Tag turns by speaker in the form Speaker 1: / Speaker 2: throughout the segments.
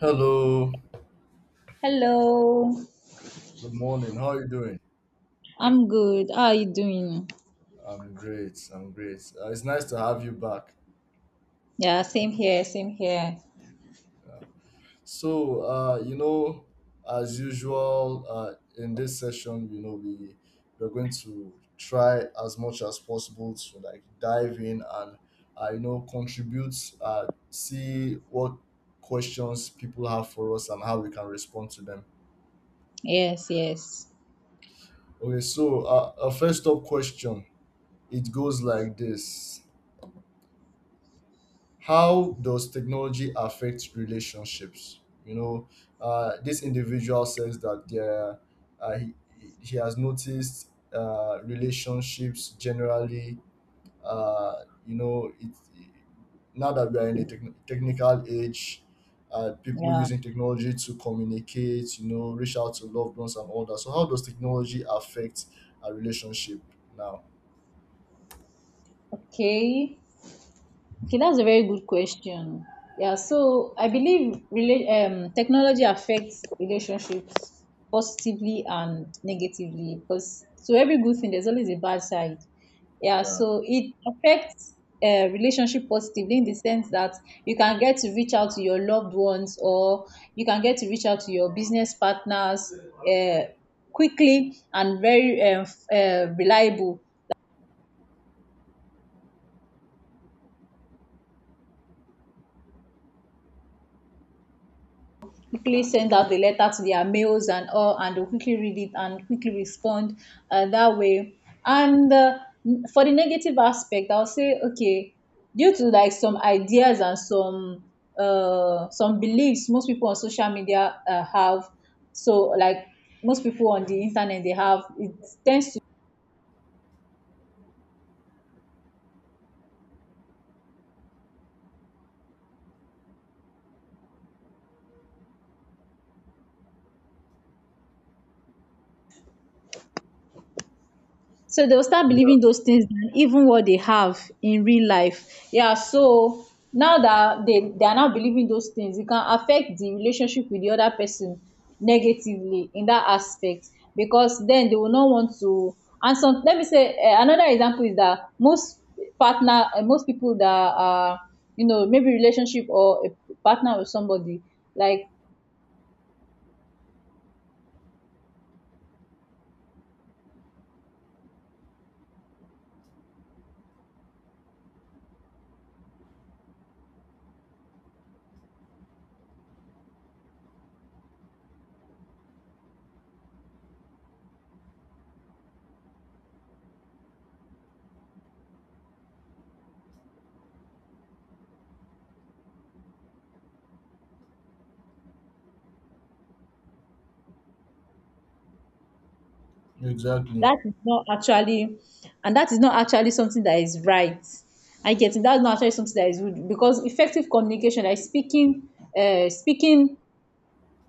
Speaker 1: Hello,
Speaker 2: Hello,
Speaker 1: good morning. How are you doing?
Speaker 2: I'm good. How are you doing?
Speaker 1: I'm great. I'm great. It's nice to have you back.
Speaker 2: Yeah, same here, same here.
Speaker 1: Yeah. So, uh, you know, as usual, in this session, we're going to try as much as possible to like dive in and contribute, see what questions people have for us and how we can respond to them.
Speaker 2: Yes, yes.
Speaker 1: Okay, so a first up question. It goes like this. How does technology affect relationships? you know this individual says that uh, he, he has noticed relationships generally, uh, you know it, now that we are in a technical age. People
Speaker 2: Yeah.
Speaker 1: using technology to communicate, you know, reach out to loved ones and all that, so how does technology affect a relationship now?
Speaker 2: Okay. Okay, that's a very good question. Yeah, so I believe technology affects relationships positively and negatively because so every good thing there's always a bad side. Yeah,
Speaker 1: Yeah,
Speaker 2: so it affects relationship positively in the sense that you can get to reach out to your loved ones, or you can get to reach out to your business partners uh, quickly and very reliable, quickly send out the letter to their mails and all, and they'll quickly read it and quickly respond that way. And for the negative aspect, I'll say, okay, due to like some ideas and some beliefs most people on social media have, so like most people on the internet they have, it tends to. So they will start
Speaker 1: yeah,
Speaker 2: believing those things than even what they have in real life. Yeah, so now that they are now believing those things, it can affect the relationship with the other person negatively in that aspect, because then they will not want to. And some, let me say another example is that most partner, most people that are, you know, maybe relationship or a partner with somebody, like.
Speaker 1: exactly,
Speaker 2: That is not actually, and that is not actually something that is right. I get it. That's not actually something that is good, because effective communication, like speaking, speaking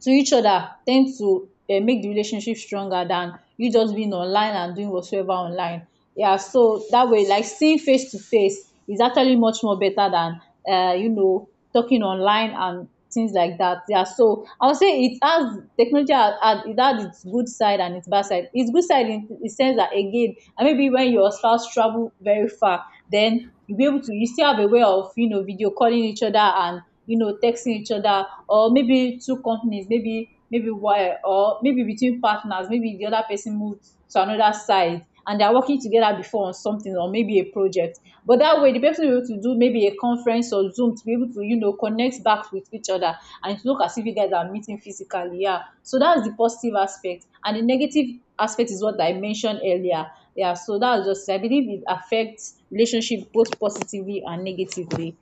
Speaker 2: to each other tend to make the relationship stronger than you just being online and doing whatsoever online. Yeah, so that way, like seeing face to face is actually much more better than you know talking online and things like that. Yeah, so I would say it has technology has, it has its good side and its bad side. Its good side in the sense that again, and maybe when your spouse travel very far, then you'll be able to you still have a way of you know video calling each other and you know texting each other, or maybe two companies, maybe maybe why, or maybe between partners, maybe the other person moved to another side and they're working together before on something or maybe a project, but that way the person will be able to do maybe a conference or Zoom to be able to you know connect back with each other, and it look as if you guys are meeting physically. Yeah, so that's the positive aspect, and the negative aspect is what I mentioned earlier. Yeah, so that's just I believe it affects relationship both positively and negatively.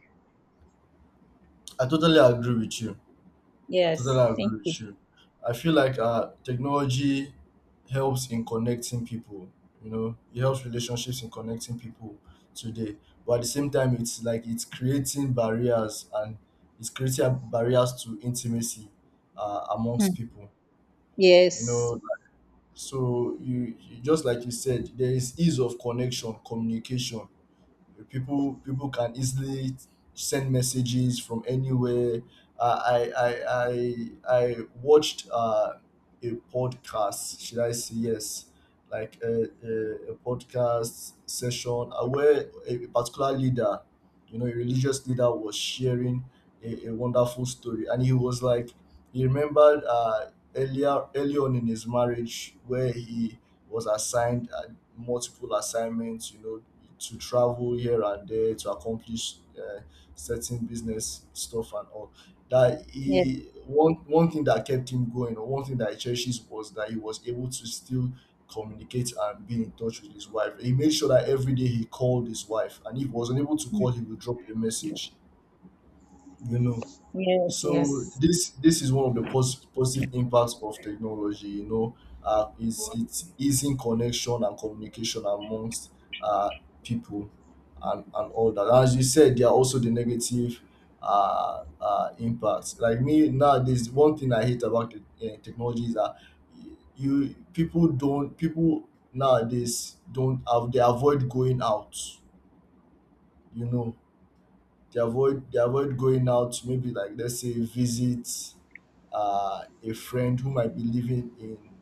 Speaker 1: I totally agree with you. I
Speaker 2: Yes,
Speaker 1: totally
Speaker 2: thank
Speaker 1: agree
Speaker 2: you.
Speaker 1: with you. I feel like technology helps in connecting people. You know, it helps relationships in connecting people today. But at the same time, it's like it's creating barriers, and it's creating barriers to intimacy
Speaker 2: Hmm.
Speaker 1: amongst people. You
Speaker 2: Yes.
Speaker 1: know, so you just like you said, there is ease of connection, communication, people can easily send messages from anywhere. I I I I I watched a podcast. Should I say yes? Like a podcast session where a particular leader, you know, a religious leader was sharing a wonderful story, and he was like, he remembered earlier, early on in his marriage where he was assigned multiple assignments, you know, to travel here and there to accomplish certain business stuff and all. That
Speaker 2: Yes.
Speaker 1: he one thing that kept him going, or one thing that he cherishes, was that he was able to still communicate and be in touch with his wife. He made sure that every day he called his wife, and if he was unable to call, he would drop a message. You know,
Speaker 2: Yes.
Speaker 1: so
Speaker 2: Yes.
Speaker 1: this is one of the positive impacts of technology. You know, it's easing connection and communication amongst uh, people, and all that. As you said, there are also the negative impacts. Like me nowadays, one thing I hate about the technology is that you people don't people nowadays don't have, they avoid going out. You know, they avoid, they avoid going out to maybe like let's say visit a friend who might be living in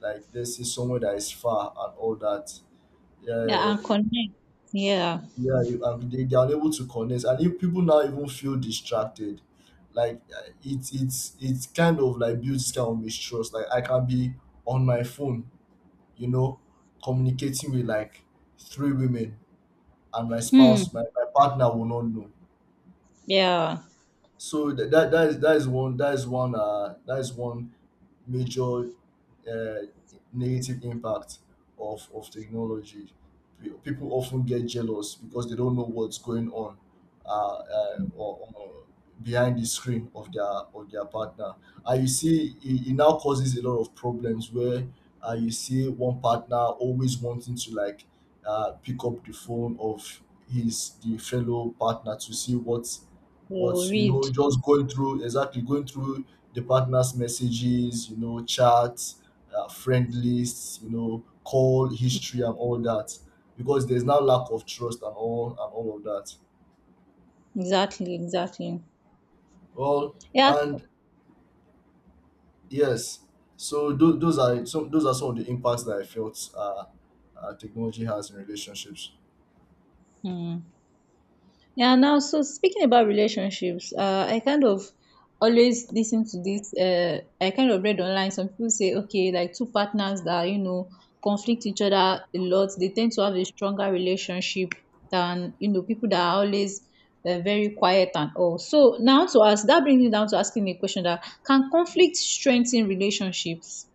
Speaker 1: like let's say somewhere that is far and all that.
Speaker 2: Yeah,
Speaker 1: Yeah,
Speaker 2: and connect. Yeah.
Speaker 1: yeah, and they are unable to connect, and if people now even feel distracted, like it's kind of like builds kind of mistrust. Like I can be on my phone, you know, communicating with like three women, and my
Speaker 2: Hmm.
Speaker 1: spouse, my partner will not know.
Speaker 2: Yeah.
Speaker 1: So that that, that is one that is one that is one major uh, negative impact of technology. People often get jealous because they don't know what's going on, uh, or behind the screen of their partner. And you see, it now causes a lot of problems where you see one partner always wanting to like pick up the phone of his the fellow partner to see
Speaker 2: You
Speaker 1: what's you
Speaker 2: read.
Speaker 1: know just going through exactly going through the partner's messages, you know, chats, friend lists, you know, call history and all that, because there's now lack of trust and all of that.
Speaker 2: Exactly, exactly.
Speaker 1: Well,
Speaker 2: Yeah.
Speaker 1: and yes, so those are some of the impacts that I felt technology has in relationships.
Speaker 2: Hmm. Yeah, now so speaking about relationships, I kind of always listen to this. I kind of read online. Some people say, okay, like two partners that you know conflict each other a lot, they tend to have a stronger relationship than you know people that are always very quiet and all. So now to ask, that brings me down to asking a question: that can conflict strengthen relationships?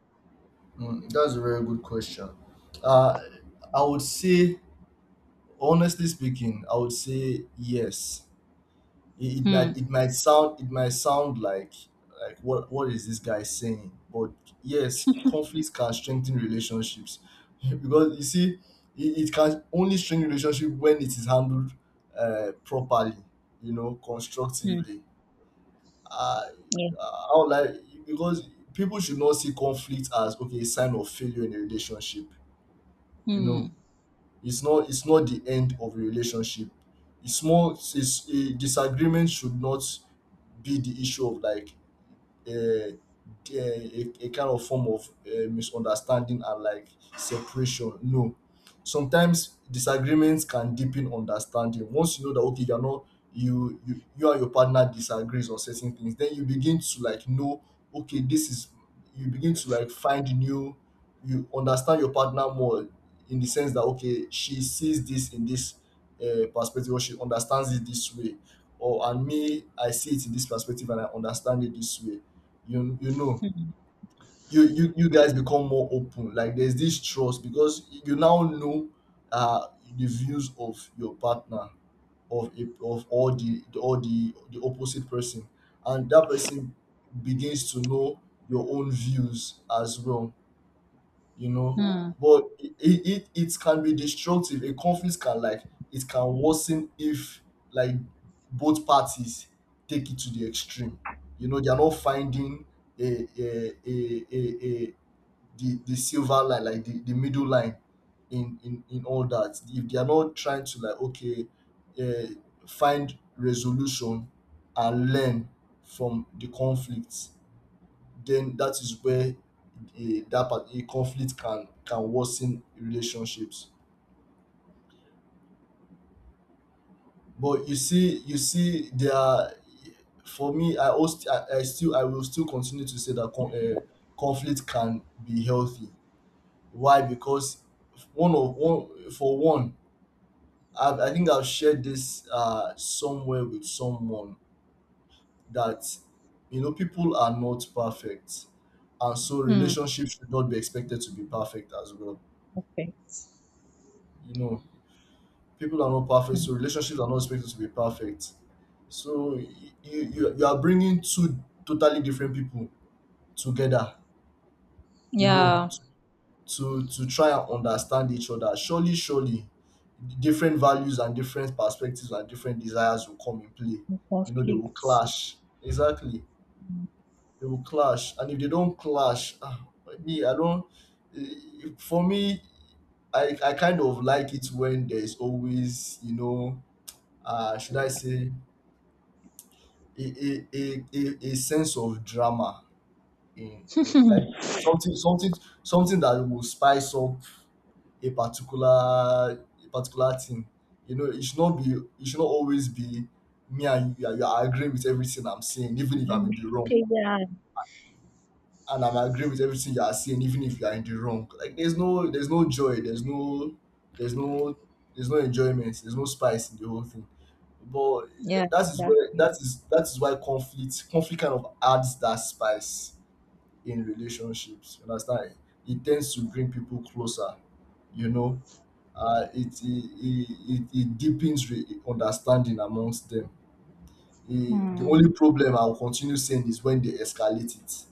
Speaker 1: Mm, that's a very good question. Uh, I would say, honestly speaking, I would say yes, it,
Speaker 2: Hmm.
Speaker 1: it might sound like what is this guy saying, but yes, conflicts can strengthen relationships because you see, it can only strengthen relationship when it is handled properly, you know,
Speaker 2: Hmm.
Speaker 1: constructively. Uh,
Speaker 2: Yeah.
Speaker 1: I would like Because people should not see conflict as, okay, a sign of failure in a relationship, you know.
Speaker 2: Hmm.
Speaker 1: It's not the end of a relationship. It's more it's A disagreement should not be the issue of like uh, uh, a, kind of form of misunderstanding and like separation. No, sometimes disagreements can deepen understanding. Once you know that, okay, you're not you and your partner disagrees on certain things, then you begin to like know, okay, this is you begin to like find new you understand your partner more, in the sense that, okay, she sees this in this perspective, or she understands it this way. Or and me, I see it in this perspective and I understand it this way. You know, you guys become more open, like there's this trust because you now know uh the views of your partner, of all the the opposite person, and that person begins to know your own views as well, you know.
Speaker 2: Hmm.
Speaker 1: But it, it can be destructive. A conflict can like it can worsen if, like, both parties take it to the extreme. You know, they are not finding a the silver line, like the middle line in all that. If they are not trying to like, okay, find resolution and learn from the conflicts, then that is where a that part a conflict can worsen relationships. But you see, there are for me. I also I still I will still continue to say that conflict can be healthy. Why? Because one of one for one, I think I've shared this somewhere with someone that, you know, people are not perfect, and so
Speaker 2: Hmm.
Speaker 1: relationships should not be expected to be perfect as well.
Speaker 2: Okay.
Speaker 1: You know, people are not perfect, so relationships are not expected to be perfect. So you, you are bringing two totally different people together, you know,
Speaker 2: Yeah,
Speaker 1: to try and understand each other. Surely, surely, different values and different perspectives and different desires will come in play. You know, they will
Speaker 2: conflict.
Speaker 1: clash. Exactly, they will clash, and if they don't clash, ah, me, I don't. Eh, For me, I kind of like it when there's always, you know, should I say, a sense of drama in like something that will spice up a particular thing. You know, it should not be, it should not always be, me and you are agreeing with everything I'm saying, even if I'm in the wrong.
Speaker 2: Yeah,
Speaker 1: And I'm agreeing with everything you are saying, even if you are in the wrong. Like there's no joy, there's no there's no there's no enjoyment, there's no spice in the whole thing. But
Speaker 2: yeah,
Speaker 1: that is
Speaker 2: that's,
Speaker 1: where that is why conflict kind of adds that spice in relationships. You understand? It tends to bring people closer. You know, it it deepens understanding amongst them. It, the
Speaker 2: hmm,
Speaker 1: only problem I will continue saying is when they escalate it,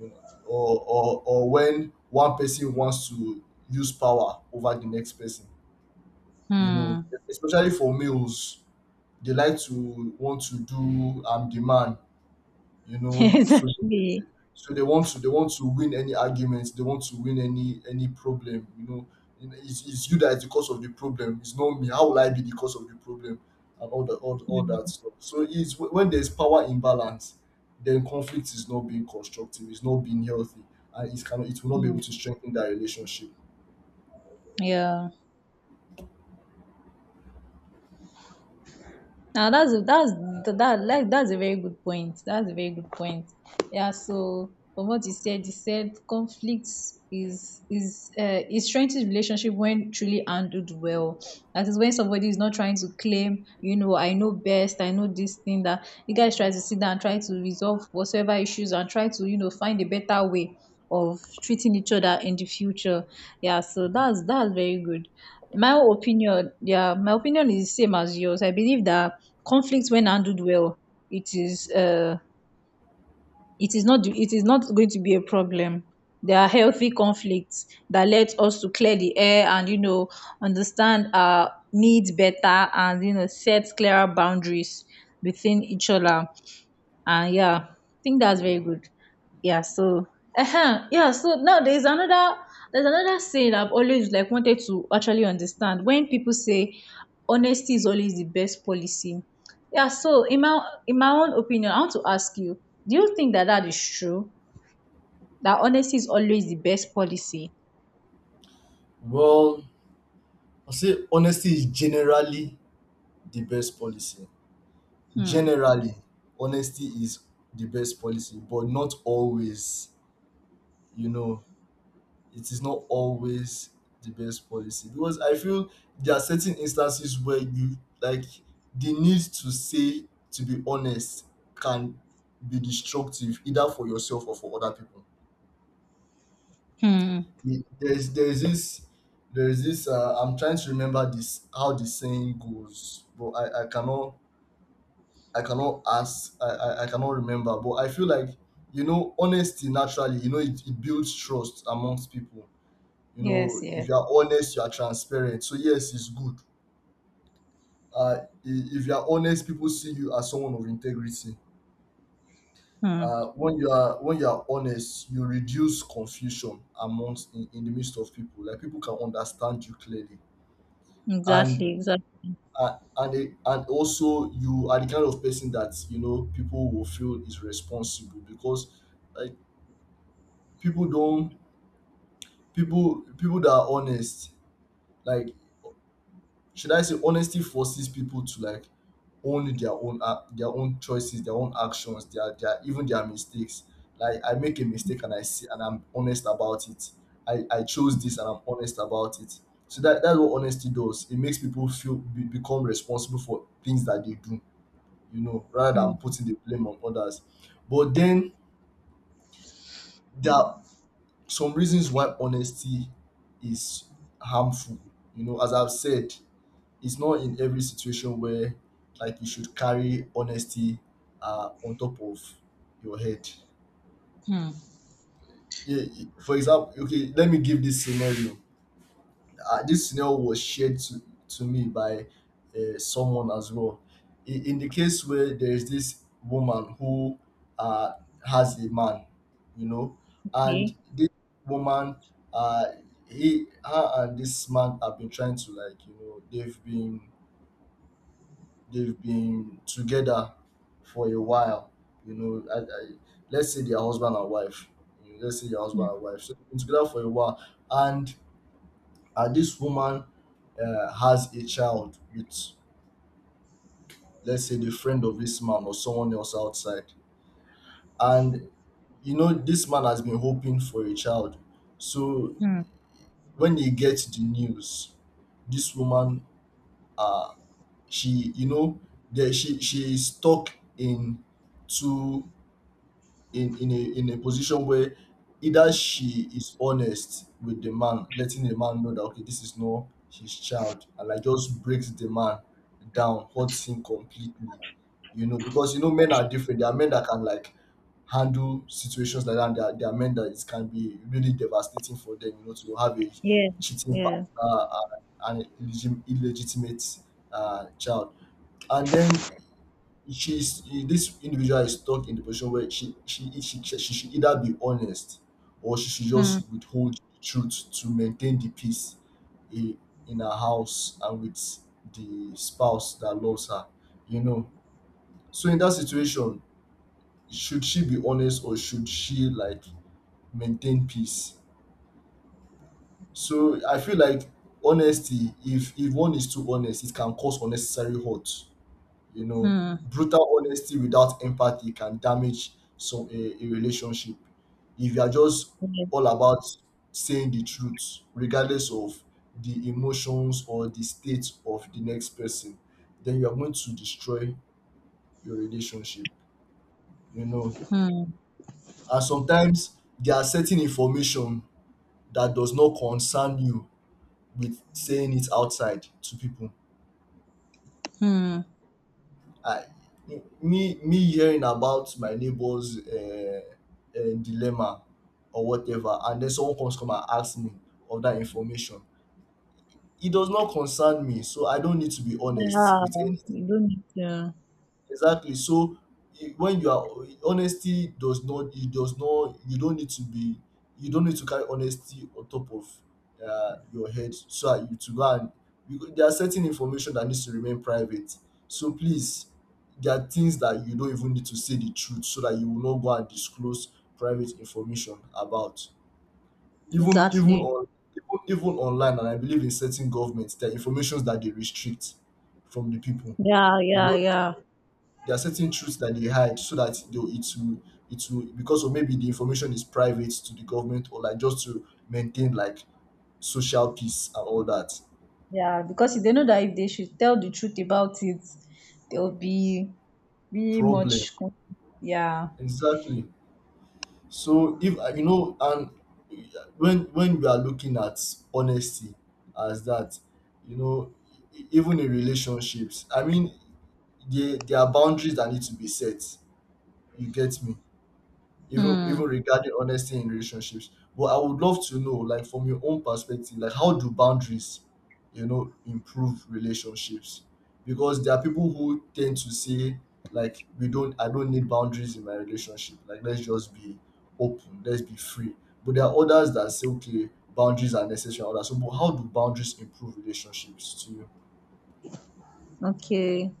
Speaker 1: you know, or when one person wants to use power over the next person. You know,
Speaker 2: hmm.
Speaker 1: especially for males, they like to want to do demand, you know, so
Speaker 2: Exactly.
Speaker 1: so they want to, they want to win any argument, they want to win any problem, you know. You it's you that is the cause of the problem, it's not me, how will I be the cause of the problem and all the all that
Speaker 2: Hmm,
Speaker 1: stuff. So it's when there's power imbalance, then conflict is not being constructive, it's not being healthy, and it will not be
Speaker 2: hmm.
Speaker 1: able to strengthen that relationship.
Speaker 2: Yeah. Now that's a that's a very good point. That's a very good point. Yeah. So from what you said conflicts is it strengthens relationship when truly handled well. That is when somebody is not trying to claim, you know, I know best, I know this thing, that you guys try to sit down and try to resolve whatsoever issues and try to, you know, find a better way of treating each other in the future. Yeah, so that's very good my opinion. Yeah, my opinion is the same as yours. I believe that conflict when handled well, it is uh it is not, it is not going to be a problem. There are healthy conflicts that let us to clear the air and you know understand our needs better and you know set clearer boundaries within each other. Yeah, I think that's very good. Yeah, so yeah, so now there's another, there's another saying I've always like wanted to actually understand, when people say honesty is always the best policy. Yeah, so in my, in my own opinion, I want to ask you, do you think that that is true? That honesty is always the best policy?
Speaker 1: Well, I say honesty is generally the best policy.
Speaker 2: Hmm.
Speaker 1: Generally honesty is the best policy, but not always, you know. It is not always the best policy, because I feel there are certain instances where you, like, the need to say to be honest can be destructive either for yourself or for other people.
Speaker 2: Hmm.
Speaker 1: There's there's this, I'm trying to remember this, how the saying goes, but I cannot. I cannot ask. I cannot remember, but I feel like, you know, honesty naturally, you know, it builds trust amongst people. You
Speaker 2: Yes.
Speaker 1: know, if
Speaker 2: Yes.
Speaker 1: you are honest, you are transparent. So yes, it's good. If you are honest, people see you as someone of integrity.
Speaker 2: Hmm.
Speaker 1: When you are honest, you reduce confusion amongst in the midst of people. Like people can understand you clearly, and
Speaker 2: Exactly. Exactly.
Speaker 1: and also you are the kind of person that you know people will feel is responsible because uh, people don't people that are honest, like, should I say honesty forces people to, like, own their own choices, their own actions, their even their mistakes. Like, I make a mistake and I see, and I'm honest about it. I chose this and I'm honest about it. So that's what honesty does. It makes people feel become responsible for things that they do, you know, rather than
Speaker 2: Hmm.
Speaker 1: putting the blame on others. But then there are some reasons why honesty is harmful. You know, as I've said, it's not in every situation where, like, you should carry honesty on top of your head.
Speaker 2: Hmm.
Speaker 1: Yeah, for example, okay, let me give this scenario. This scenario was shared to me by someone as well. In the case where there is this woman who uh, has a man, you know, and
Speaker 2: Okay.
Speaker 1: this woman, uh, her and this man have been trying to, like, you know, they've been together for a while, you know. Let's say they are husband and wife. You know, let's say they are husband and
Speaker 2: Hmm.
Speaker 1: wife. So they've been together for a while, and this woman has a child with, let's say, the friend of this man or someone else outside. And, you know, this man has been hoping for a child. So
Speaker 2: Hmm.
Speaker 1: when he gets the news, this woman, uh, you know, she is stuck in two in a position where either she is honest with the man, letting the man know that, okay, this is not his child, and, like, just breaks the man down, hurts him completely. You know, because you know men are different. There are men that can, like, handle situations like that. And there are men that it can be really devastating for them. You know, to have a
Speaker 2: Yeah.
Speaker 1: cheating partner
Speaker 2: Yeah.
Speaker 1: and an illegitimate child. And then she's this individual is stuck in the position where she should either be honest or she should
Speaker 2: Hmm.
Speaker 1: just withhold the truth to maintain the peace in, in her house and with the spouse that loves her, you know. So in that situation, should she be honest or should she, like, maintain peace? So I feel like honesty, if one is too honest, it can cause unnecessary hurt. You know,
Speaker 2: Hmm.
Speaker 1: brutal honesty without empathy can damage a relationship. If you are just
Speaker 2: Yes.
Speaker 1: all about saying the truth, regardless of the emotions or the state of the next person, then you are going to destroy your relationship. You know,
Speaker 2: Hmm.
Speaker 1: and sometimes there are certain information that does not concern you with saying it outside to people.
Speaker 2: Hmm.
Speaker 1: I, me hearing about my neighbor's dilemma or whatever, and then someone comes come and asks me of that information, it does not concern me, so I don't need to be honest
Speaker 2: Yeah.
Speaker 1: with any.
Speaker 2: You don't need to.
Speaker 1: Exactly. So when you are, eh, honesty does not, it does not, you don't need to be, you don't need to carry honesty on top of your head so that you to go and you, there are certain information that needs to remain private. So please, there are things that you don't even need to say the truth, so that you will not go and disclose private information about. Even even
Speaker 2: Exactly.
Speaker 1: on Even, even online, and I believe in certain governments, there are informations that they restrict from the people.
Speaker 2: Yeah.
Speaker 1: You
Speaker 2: Yeah.
Speaker 1: know,
Speaker 2: Yeah.
Speaker 1: there are certain truths that they hide so that they it will because of maybe the information is private to the government, or like just to maintain like social peace and all that.
Speaker 2: Yeah. Because they know that if they should tell the truth about it, there will be really
Speaker 1: Problem,
Speaker 2: much. Con-. Yeah.
Speaker 1: exactly. So if you know, and when we are looking at honesty as that, you know, even in relationships, I mean, there are boundaries that need to be set, you get me, even
Speaker 2: Hmm.
Speaker 1: even regarding honesty in relationships. But I would love to know, like, from your own perspective, like, how do boundaries, you know, improve relationships? Because there are people who tend to say, like, we don't, I don't need boundaries in my relationship, like, let's just be open, let's be free. But there are others that say, okay, boundaries are necessary and all that. So but how do boundaries improve relationships to you?
Speaker 2: Okay.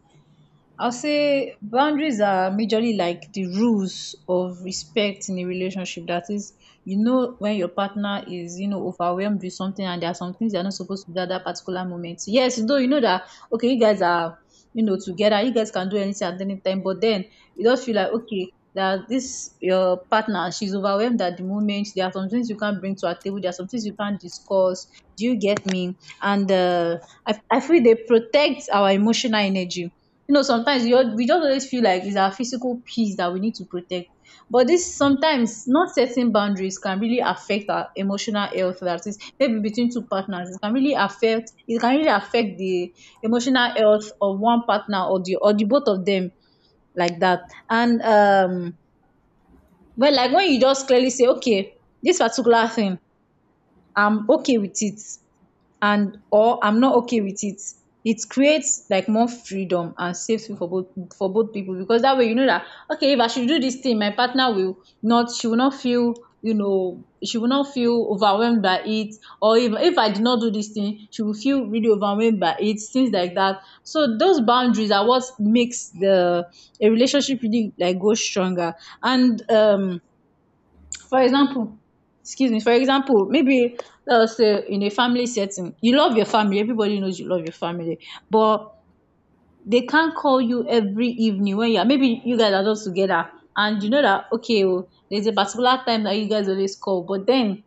Speaker 2: I'll say boundaries are majorly like the rules of respect in a relationship. That is, you know, when your partner is, you know, overwhelmed with something, and there are some things they're not supposed to do at that particular moment. Yes, though you know that, okay, you guys are, you know, together, you guys can do anything at any time, but then you just feel like, okay, that this your partner, she's overwhelmed at the moment. There are some things you can't bring to her table, there are some things you can't discuss. Do you get me? And I feel they protect our emotional energy. You know, sometimes we just always feel like it's our physical peace that we need to protect, but this sometimes not setting boundaries can really affect our emotional health. That is maybe between two partners, it can really affect, it can really affect the emotional health of one partner or the, or the both of them, like that. And well, like when you just clearly say okay, this particular thing I'm okay with it, and or I'm not okay with it, it creates like more freedom and safety for both, for both people, because that way you know that okay, if I should do this thing my partner will not, she will not feel, you know, she will not feel overwhelmed by it, or if I did not do this thing she will feel really overwhelmed by it, things like that. So those boundaries are what makes the a relationship really like go stronger. And for example, excuse me, for example, maybe let's say in a family setting, you love your family, everybody knows you love your family, but they can't call you every evening when you are maybe you guys are just together, and you know that okay, oh, there's a particular time that you guys always call, but then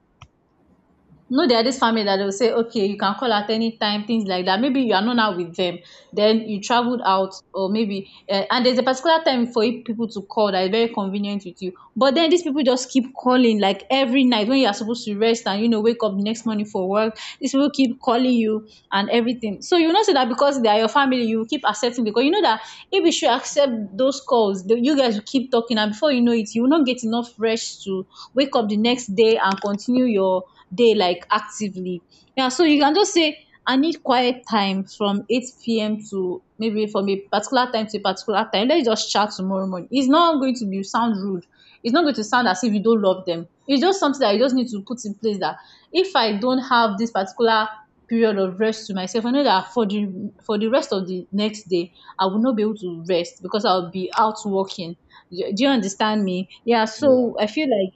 Speaker 2: no, there are this family that will say okay you can call at any time, things like that. Maybe you are not now with them, then you traveled out, or maybe and there's a particular time for you people to call that is very convenient with you, but then these people just keep calling like every night when you are supposed to rest and you know wake up the next morning for work, these people keep calling you and everything. So you know say that because they are your family you will keep accepting, because you know that if you should accept those calls, the- you guys will keep talking, and before you know it you will not get enough rest to wake up the next day and continue your day like actively. Yeah, so you can just say I need quiet time from 8 p.m. to maybe from a particular time to a particular time. Let's just chat tomorrow morning. It's not going to be sound rude. It's not going to sound as if you don't love them. It's just something that you just need to put in place, that if I don't have this particular period of rest to myself, I know that for the rest of the next day, I will not be able to rest because I'll be out working. Do do you understand me? Yeah,
Speaker 1: yeah
Speaker 2: so I feel like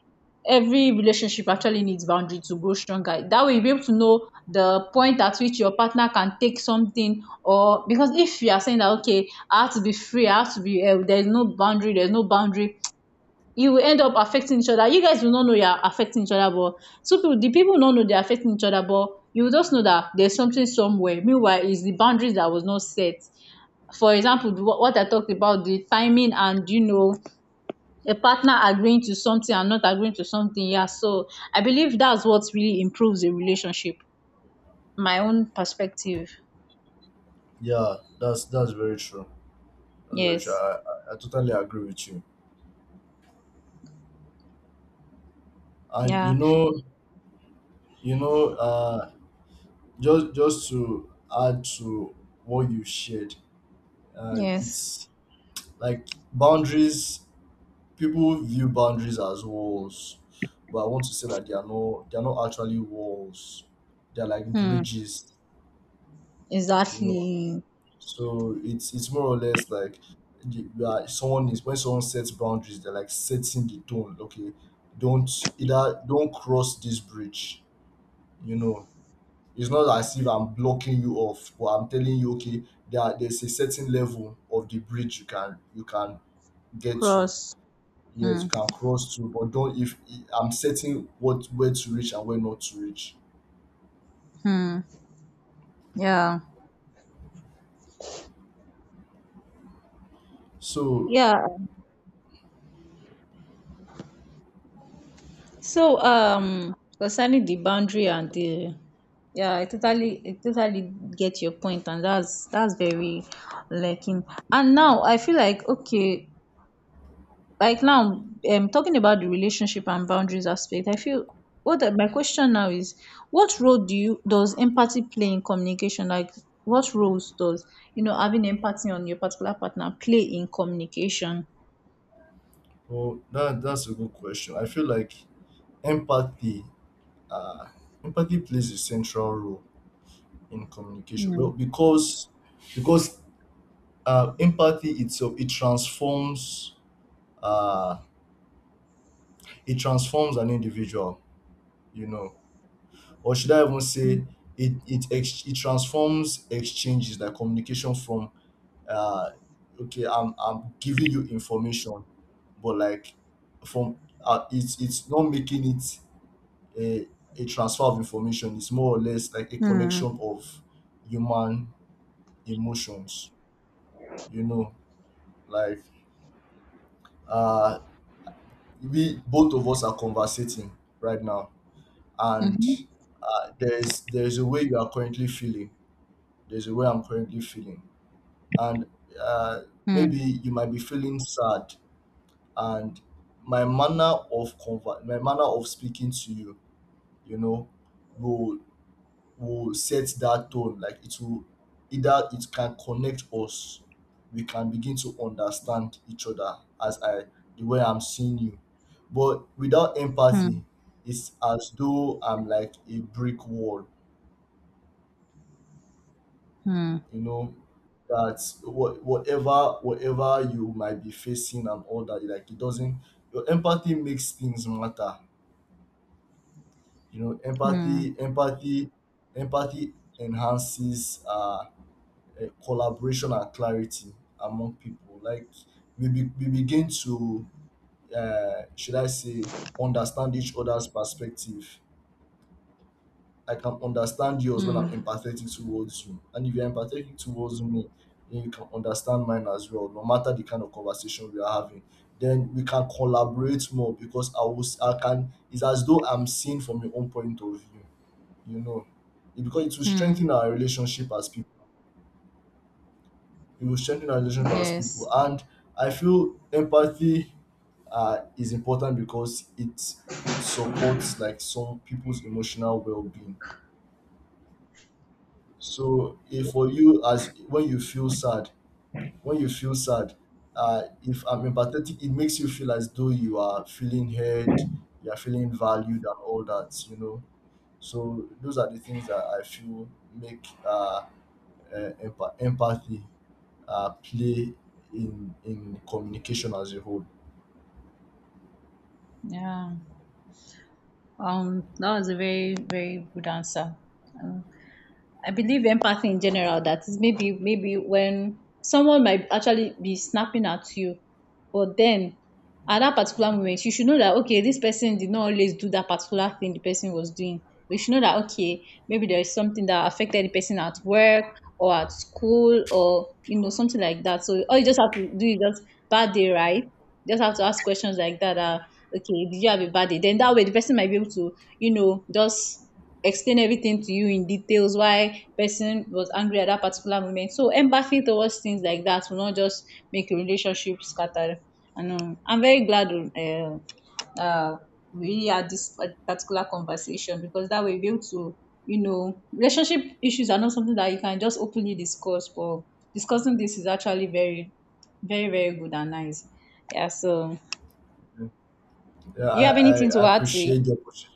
Speaker 2: every relationship actually needs boundary to grow stronger. That way, you'll be able to know the point at which your partner can take something, or because if you are saying that okay, I have to be free, I have to be, there's no boundary, you will end up affecting each other. You guys will not know you are affecting each other, but so people, the people will not know they're affecting each other, but you will just know that there's something somewhere. Meanwhile, it's the boundaries that was not set. For example, the- what I talked about, the timing and you know a partner agreeing to something and not agreeing to something. Yeah, so I believe that's what really improves a relationship, my own perspective.
Speaker 1: yeah, that's very true. That's very true.
Speaker 2: Yes,
Speaker 1: I totally agree with you. And you
Speaker 2: yeah,
Speaker 1: know, you know, just to add to what you shared,
Speaker 2: yes.
Speaker 1: it's like boundaries, people view boundaries as walls, but I want to say that they are no, they are not actually walls, they're like
Speaker 2: Hmm,
Speaker 1: bridges. You know,
Speaker 2: exactly.
Speaker 1: so it's more or less like you are, someone is, when someone sets boundaries they're like setting the tone, okay, don't, either don't cross this bridge, you know. It's not as if I'm blocking you off, but I'm telling you, okay, there there's a certain level of the bridge you can get to.
Speaker 2: Cross.
Speaker 1: Yes,
Speaker 2: Hmm,
Speaker 1: you can cross to, but don't if I'm setting what where to reach and where not to reach.
Speaker 2: hmm. Yeah,
Speaker 1: So,
Speaker 2: yeah, so concerning the boundary and the, yeah, I totally get your point, and that's very lacking. And now I feel like okay, like now talking about the relationship and boundaries aspect, I feel what I-, my question now is what role do you does empathy play in communication, like what roles does, you know, having empathy on your particular partner play in communication?
Speaker 1: well, that that's a good question. I feel like empathy, uh, empathy plays a central role in communication.
Speaker 2: Hmm.
Speaker 1: Well, because empathy itself, uh, it transforms an individual. You know, or should I even say it it transforms exchanges, like communication from uh okay, I'm giving you information, but like, from it's not making it a a transfer of information. It's more or less like a connection
Speaker 2: Hmm.
Speaker 1: of human emotions. You know, like, uh we, both of us are conversating right now, and
Speaker 2: Mm-hmm.
Speaker 1: there's a way you are currently feeling, there's a way I'm currently feeling, and uh,
Speaker 2: Hmm.
Speaker 1: maybe you might be feeling sad, and my my manner of speaking to you, you know, will will set that tone, like it will either, it can connect us, we can begin to understand each other, as I, the way I'm seeing you. But without
Speaker 2: Hmm.
Speaker 1: empathy, it's as though I'm like a brick wall.
Speaker 2: Hmm.
Speaker 1: You know, that what whatever, whatever you might be facing and all that, like it doesn't, your empathy makes things matter. You know,
Speaker 2: Hmm.
Speaker 1: empathy enhances collaboration and clarity among people. Like we, be, we begin to, should I say, understand each other's perspective. I can understand yours when I'm
Speaker 2: Hmm.
Speaker 1: empathetic towards you. And if you're empathetic towards me, then you can understand mine as well, no matter the kind of conversation we are having. Then we can collaborate more because I was, I can, it's as though I'm seen from your own point of view, you know. It, because it will
Speaker 2: Hmm.
Speaker 1: strengthen our relationship as people. It will strengthen our relationship as people.
Speaker 2: Yes.
Speaker 1: And I feel empathy is important because it supports like some people's emotional well-being. So if for you, as when you feel sad, when you feel sad, if I'm empathetic, it makes you feel as though you are feeling heard, you are feeling valued and all that, you know. So those are the things that I feel make empathy play in communication as a whole.
Speaker 2: Yeah. That was a very very good answer. Um, I believe empathy in general, that is maybe maybe when someone might actually be snapping at you, but then at that particular moment you should know that okay, this person did not always do that particular thing the person was doing. We should know that okay, maybe there is something that affected the person at work or at school, or you know, something like that. So all you just have to do is just bad day, right? You just have to ask questions like that. Okay, did you have a bad day? Then that way the person might be able to, you know, just explain everything to you in details why person was angry at that particular moment. So empathy towards things like that will not just make a relationship scatter. And I'm very glad uh, we really had this pa- particular conversation, because that way we'll be able to, you know, relationship issues are not something that you can just openly discuss, but discussing this is actually very, very, very good and nice. Yeah, so
Speaker 1: Yeah,
Speaker 2: you have anything to
Speaker 1: I
Speaker 2: add to it?
Speaker 1: appreciate the opportunity.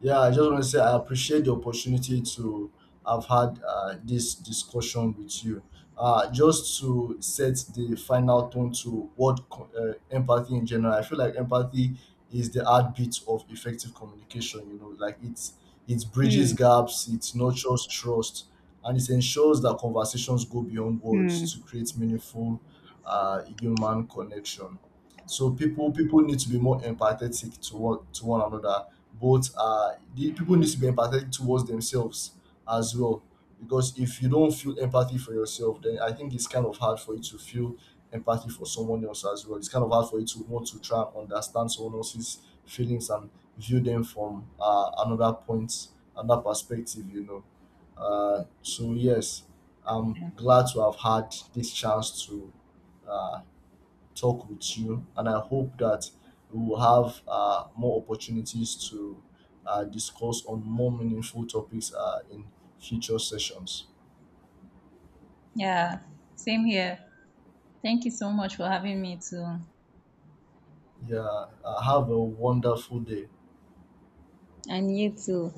Speaker 1: Yeah, I just want to say I appreciate the opportunity to have had this discussion with you. Just to set the final tone to what empathy in general, I feel like empathy is the heartbeat of effective communication. You know, like, it's it bridges gaps, it nurtures trust, and it ensures that conversations go beyond
Speaker 2: Hmm. Hmm.
Speaker 1: words to create meaningful human connection. So people need to be more empathetic to one another, but the people need to be empathetic towards themselves as well. Because if you don't feel empathy for yourself, then I think it's kind of hard for you to feel empathy for someone else as well. It's kind of hard for you to want to try and understand someone else's feelings and view them from another point, another perspective. You know. So yes, I'm glad to have had this chance to uh, talk with you, and I hope that we will have more opportunities to discuss on more meaningful topics in future sessions.
Speaker 2: Yeah, same here. Thank you so much for having me too.
Speaker 1: Yeah, have a wonderful day.
Speaker 2: And you too.